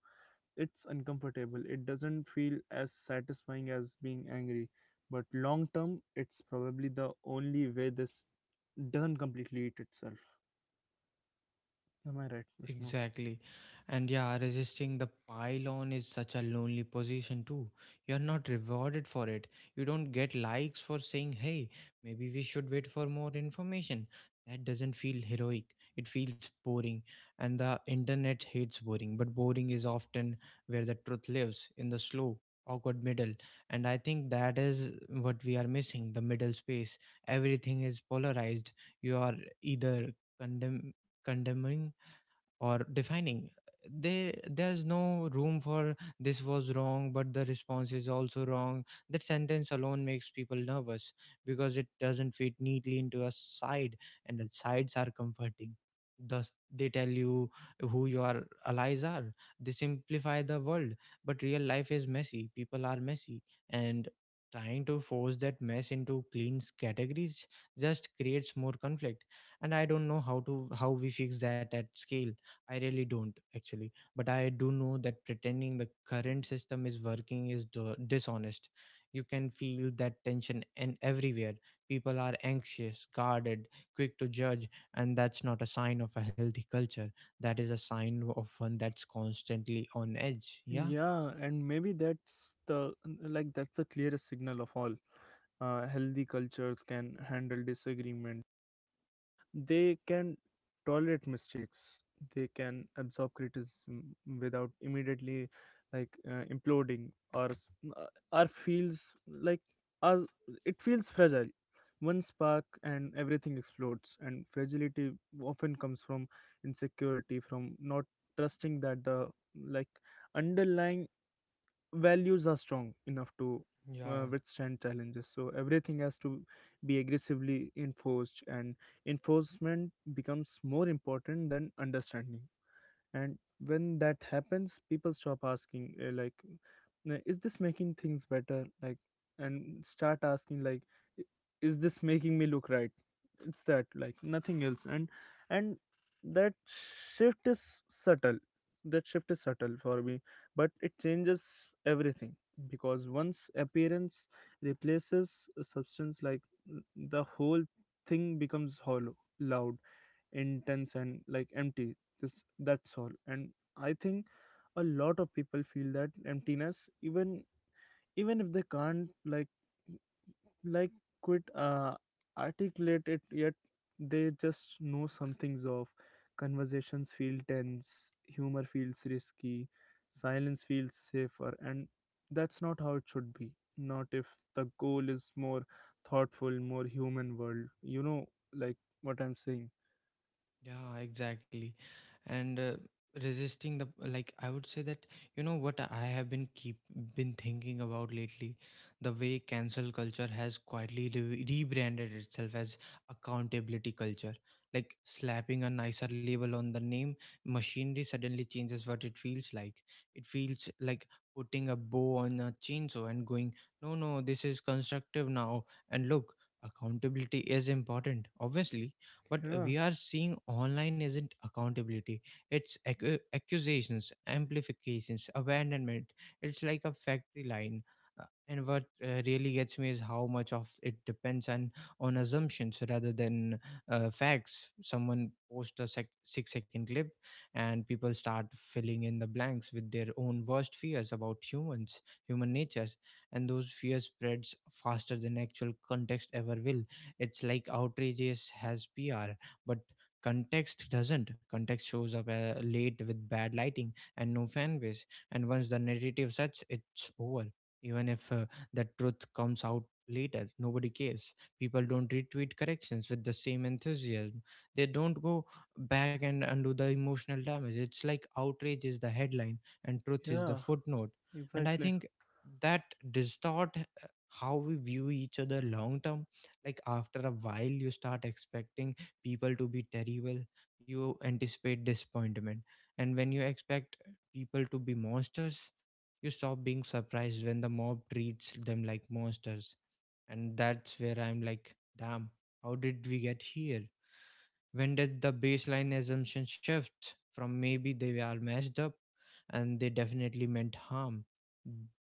It's uncomfortable. It doesn't feel as satisfying as being angry, but long term, it's probably the only way this doesn't completely eat itself. Am I right, Vishnu?
Exactly. And yeah, resisting the pylon is such a lonely position too. You're not rewarded for it. You don't get likes for saying, hey, maybe we should wait for more information. That doesn't feel heroic. It feels boring. And the internet hates boring, but boring is often where the truth lives, in the slow, awkward middle. And I think that is what we are missing, the middle space. Everything is polarized. You are either condemn condemning or defining. There's no room for this was wrong but the response is also wrong. That sentence alone makes people nervous because it doesn't fit neatly into a side. And the sides are comforting, thus they tell you who your allies are, they simplify the world. But real life is messy, people are messy, and trying to force that mess into clean categories just creates more conflict. And I don't know how we fix that at scale. I really don't, actually, but I do know that pretending the current system is working is dishonest. You can feel that tension and everywhere. People are anxious, guarded, quick to judge, and that's not a sign of a healthy culture. That is a sign of one that's constantly on edge. Yeah.
Yeah, and maybe that's the like that's the clearest signal of all. Healthy cultures can handle disagreement. They can tolerate mistakes. They can absorb criticism without immediately imploding, or s- uh, or feels like as it feels fragile. One spark and everything explodes. And fragility often comes from insecurity, from not trusting that the like underlying values are strong enough to
Yeah.
withstand challenges. So everything has to be aggressively enforced, and enforcement becomes more important than understanding. And when that happens, people stop asking, Is this making things better?" And start asking, "I- is this making me look right?" It's that, nothing else. And that shift is subtle, that shift is subtle for me, but it changes everything. Because once appearance replaces a substance, the whole thing becomes hollow, loud, intense, and empty. This That's all. And I think a lot of people feel that emptiness, even even if they can't like quit articulate it yet. They just know something's off. Conversations feel tense, humor feels risky, silence feels safer, and that's not how it should be. Not if the goal is more thoughtful, more human world. You know what I'm saying?
Yeah, exactly. And resisting the, like, I would say that, you know what I have been thinking about lately, the way cancel culture has quietly rebranded itself as accountability culture. Like slapping a nicer label on the name, machinery suddenly changes what it feels like. It feels like putting a bow on a chainsaw and going, no, no, this is constructive now. And look, accountability is important, obviously. What
Yeah.
we are seeing online isn't accountability, it's accusations, amplifications, abandonment. It's like a factory line. Uh, And what really gets me is how much of it depends on assumptions rather than facts. Someone posts a 6-second clip, and people start filling in the blanks with their own worst fears about human natures, and those fears spreads faster than actual context ever will. It's like outrage has PR, but context doesn't. Context shows up late, with bad lighting and no fan base. And once the narrative sets, it's over. Even if the truth comes out later, nobody cares. People don't retweet corrections with the same enthusiasm. They don't go back and undo the emotional damage. It's like outrage is the headline and truth is the
Yeah.
footnote. And I
Exactly.
think that distort how we view each other long term. Like, after a while you start expecting people to be terrible, you anticipate disappointment. And when you expect people to be monsters, you stop being surprised when the mob treats them like monsters. And that's where I'm like, damn, how did we get here? When did the baseline assumption shift from maybe they are messed up and they definitely meant harm?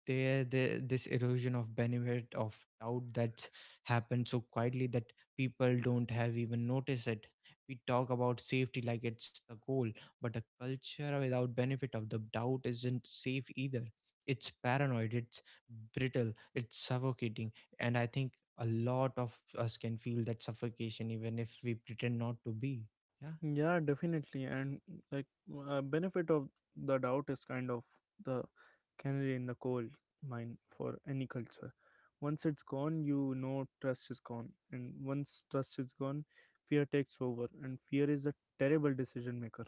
This erosion of benefit of doubt, that's happened so quietly that people don't have even noticed it. We talk about safety like it's the goal, but a culture without benefit of the doubt isn't safe either. It's paranoid, it's brittle, it's suffocating. And I think a lot of us can feel that suffocation even if we pretend not to be, yeah.
Yeah, definitely. And like benefit of the doubt is kind of the canary in the coal mine for any culture. Once it's gone, you know trust is gone. And once trust is gone, fear takes over. And fear is a terrible decision maker.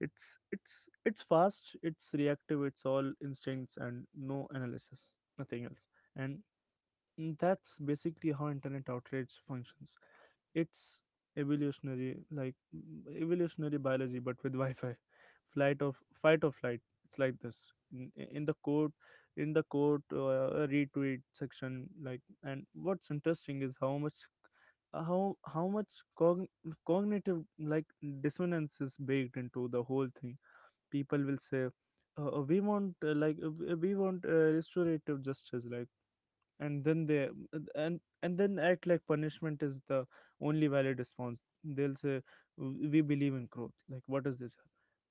It's it's fast, it's reactive, it's all instincts and no analysis, nothing else. And that's basically how internet outrage functions. It's evolutionary, evolutionary biology but with wi-fi. Flight of fight or flight. It's like this, in the quote, in the quote retweet section. And what's interesting is how much cogn- cognitive dissonance is baked into the whole thing. People will say, We want restorative justice," and then they, and then act like punishment is the only valid response. They'll say, We believe in growth," like what is this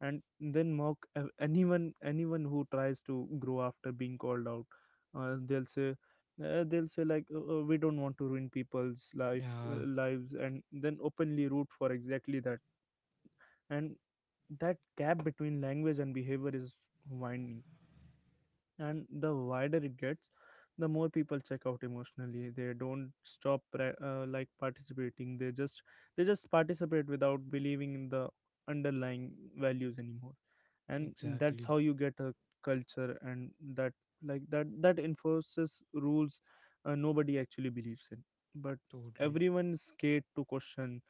and then mock anyone who tries to grow after being called out. uh, they'll say they'll say, "We don't want to ruin people's life
Yeah,
lives," and then openly root for exactly that. And that gap between language and behavior is winding. And the wider it gets, the more people check out emotionally. They don't stop participating, they just participate without believing in the underlying values anymore. And that's
exactly.
how you get a culture and that like that that enforces rules nobody actually believes in, but
Totally.
everyone is scared to question.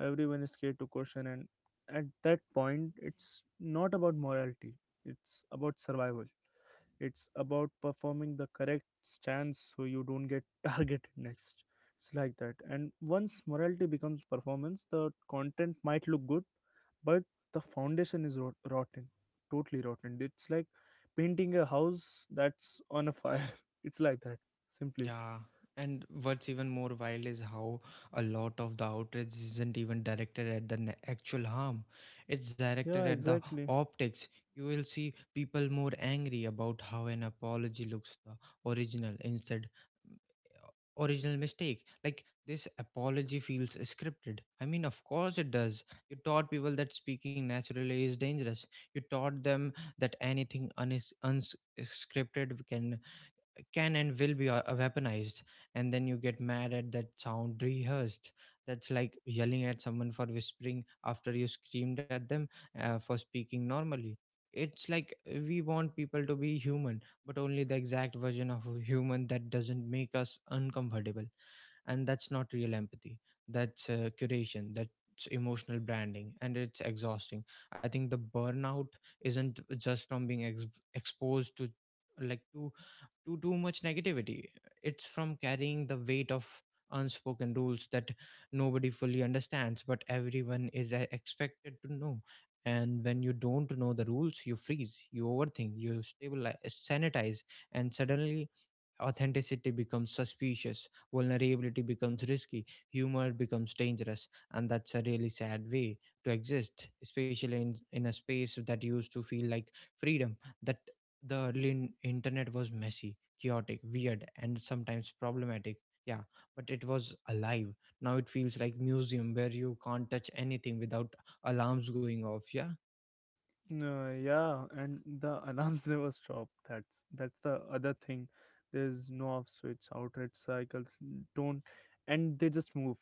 Everyone is scared to question. And at that point, it's not about morality, it's about survival. It's about performing the correct stance so you don't get targeted next. It's like that. And once morality becomes performance, the content might look good, but the foundation is rotten, totally rotten. It's like painting a house that's on a fire. It's like that, simply.
Yeah. And what's even more wild is how a lot of the outrage isn't even directed at the actual harm. It's directed
Yeah,
at the
exactly.
optics. You will see people more angry about how an apology looks, the original instead. Original mistake. Like, this apology feels scripted. I mean, of course it does. You taught people that speaking naturally is dangerous. You taught them that anything unscripted can and will be weaponized, and then you get mad at that sound rehearsed. That's like yelling at someone for whispering after you screamed at them for speaking normally. It's like we want people to be human, but only the exact version of a human that doesn't make us uncomfortable. And that's not real empathy, that's curation, that's emotional branding, and it's exhausting. I think the burnout isn't just from being exposed to like too too much negativity. It's from carrying the weight of unspoken rules that nobody fully understands, but everyone is expected to know. And when you don't know the rules, you freeze, you overthink, you stabilize, sanitize, and suddenly authenticity becomes suspicious, vulnerability becomes risky, humor becomes dangerous, and that's a really sad way to exist, especially in a space that used to feel like freedom. That the early internet was messy, chaotic, weird, and sometimes problematic. Yeah, but it was alive. Now it feels like museum where you can't touch anything without alarms going off. Yeah.
No, yeah, and the alarms never stop. That's the other thing. There's no off switch. Outright cycles don't, and they just move.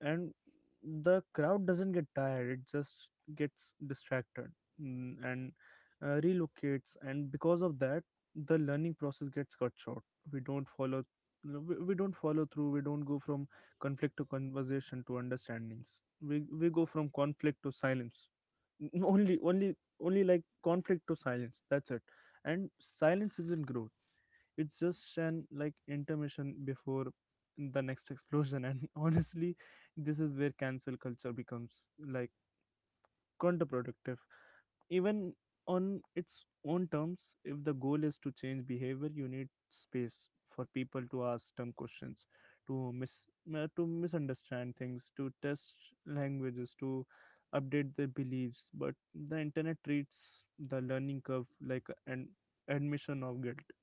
And the crowd doesn't get tired, it just gets distracted, and relocates. And because of that, the learning process gets cut short. We don't follow. You know, we don't follow through. We don't go from conflict to conversation to understandings. We go from conflict to silence. Only conflict to silence, that's it. And silence isn't growth, it's just an like intermission before the next explosion. And honestly, this is where cancel culture becomes counterproductive, even on its own terms. If the goal is to change behavior, you need space for people to ask dumb questions, to mis to misunderstand things, to test languages, to update their beliefs. But the internet treats the learning curve like an admission of guilt.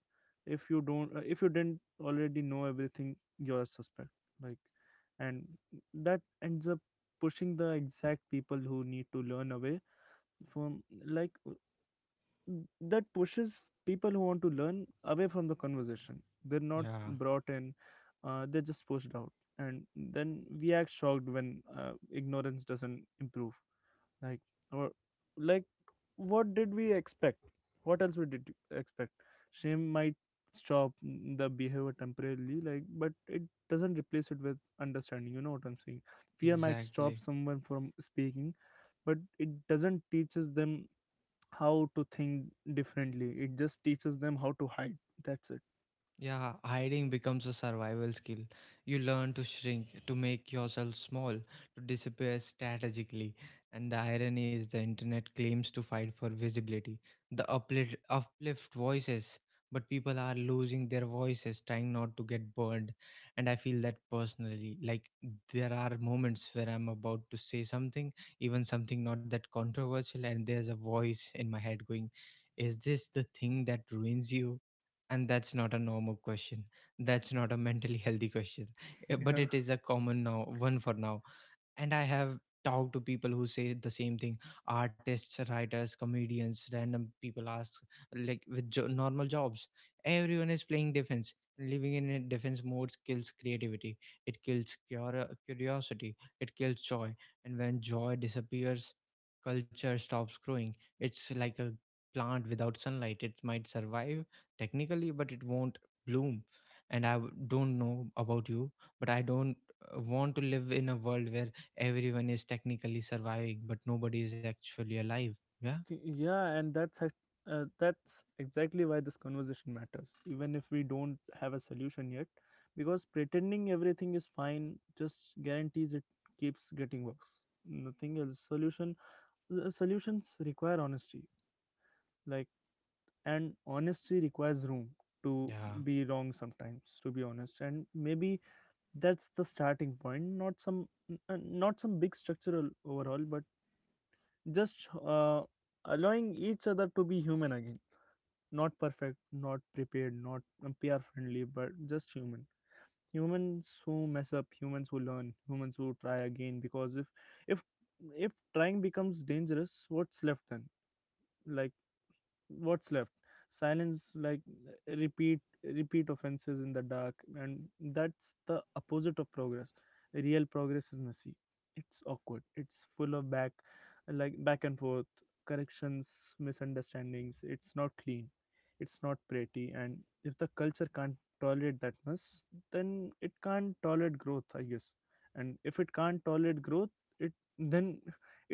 If you didn't already know everything, you're a suspect. Like and that ends up pushing the exact people who need to learn away from like That pushes people who want to learn away from the conversation. They're not
Yeah,
brought in, they're just pushed out. And then we act shocked when ignorance doesn't improve. Like or like What did we expect? What else we did expect? Shame might stop the behavior temporarily, but it doesn't replace it with understanding. You know what I'm saying? Fear might stop
exactly.
someone from speaking, but it doesn't teaches them how to think differently. It just teaches them how to hide. That's it.
Yeah, hiding becomes a survival skill. You learn to shrink, to make yourself small, to disappear strategically. And the irony is the internet claims to fight for visibility, uplift voices, but people are losing their voices, trying not to get burned. And I feel that personally. Like, there are moments where I'm about to say something, even something not that controversial, and there's a voice in my head going, is this the thing that ruins you? And that's not a normal question, that's not a mentally healthy question. But
Yeah.
it is a common now one for now. And I have talked to people who say the same thing, artists, writers, comedians, random people ask, like, with normal jobs. Everyone is playing defense. Living in a defense mode kills creativity, it kills curiosity, it kills joy. And when joy disappears, culture stops growing. It's like a plant without sunlight, it might survive technically but it won't bloom. And I don't know about you, but I don't want to live in a world where everyone is technically surviving but nobody is actually alive, yeah.
Yeah, and that's that's exactly why this conversation matters, even if we don't have a solution yet. Because pretending everything is fine just guarantees it keeps getting worse, nothing else. Solutions require honesty, like and honesty requires room to
Yeah.
be wrong sometimes, to be honest. And maybe that's the starting point. Not not some big structural overhaul, but just allowing each other to be human again. Not perfect, not prepared, not pr friendly, but just human. Humans who mess up, humans who learn, humans who try again. Because if if trying becomes dangerous, what's left then? Like, what's left? Silence, repeat offenses in the dark. And that's the opposite of progress. Real progress is messy. It's awkward, it's full of back and forth, corrections, misunderstandings. It's not clean, it's not pretty. And if the culture can't tolerate that much, then it can't tolerate growth, I guess. And if it can't tolerate growth, it then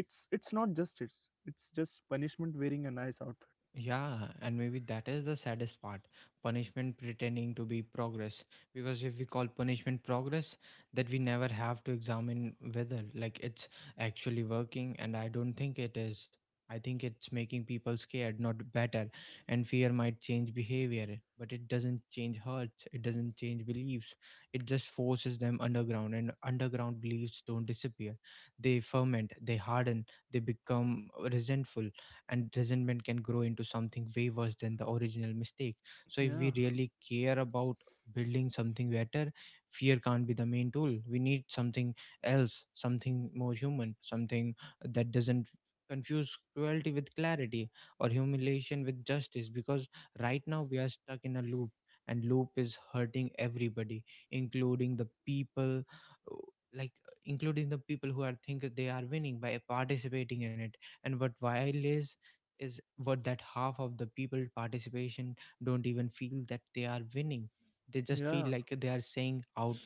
it's not justice, it's just punishment wearing a nice outfit.
Yeah, and maybe that is the saddest part, punishment pretending to be progress. Because if we call punishment progress, that we never have to examine whether, like, it's actually working. And I don't think it is. I think it's making people scared, not better. And fear might change behavior, but it doesn't change hurts, it doesn't change beliefs. It just forces them underground. And underground beliefs don't disappear, they ferment, they harden, they become resentful, and resentment can grow into something way worse than the original mistake. So, if
Yeah,
we really care about building something better, fear can't be the main tool. We need something else, something more human, something that doesn't confuse cruelty with clarity or humiliation with justice, because right now we are stuck in a loop, and loop is hurting everybody, including the people uh, like who are think that they are winning by participating in it. And what while is what that half of the people participation don't even feel that they are winning. They just feel
yeah,
like they are saying out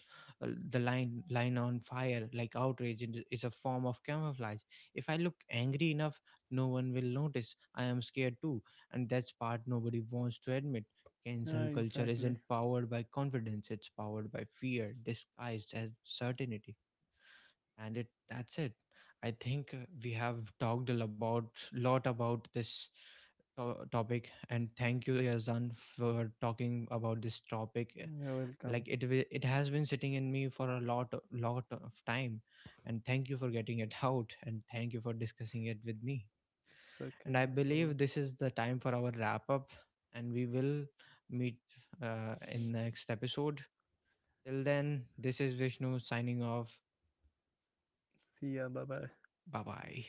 the line on fire. Like, outrage is a form of camouflage. If I look angry enough, no one will notice I am scared too. And that's part nobody wants to admit.
yeah,
Cancel culture
exactly.
isn't powered by confidence, it's powered by fear disguised as certainty. And it that's it. I think we have talked a lot about this topic, and thank you, Yazan, for talking about this topic. Uh,
You're welcome.
like it wi- it has been sitting in me for a lot of time, and thank you for getting it out, and thank you for discussing it with me.
It's okay,
And I
no problem.
believe this is the time for our wrap up, and we will meet in next episode. Till then, this is Vishnu signing off.
See ya, bye bye.
Bye bye.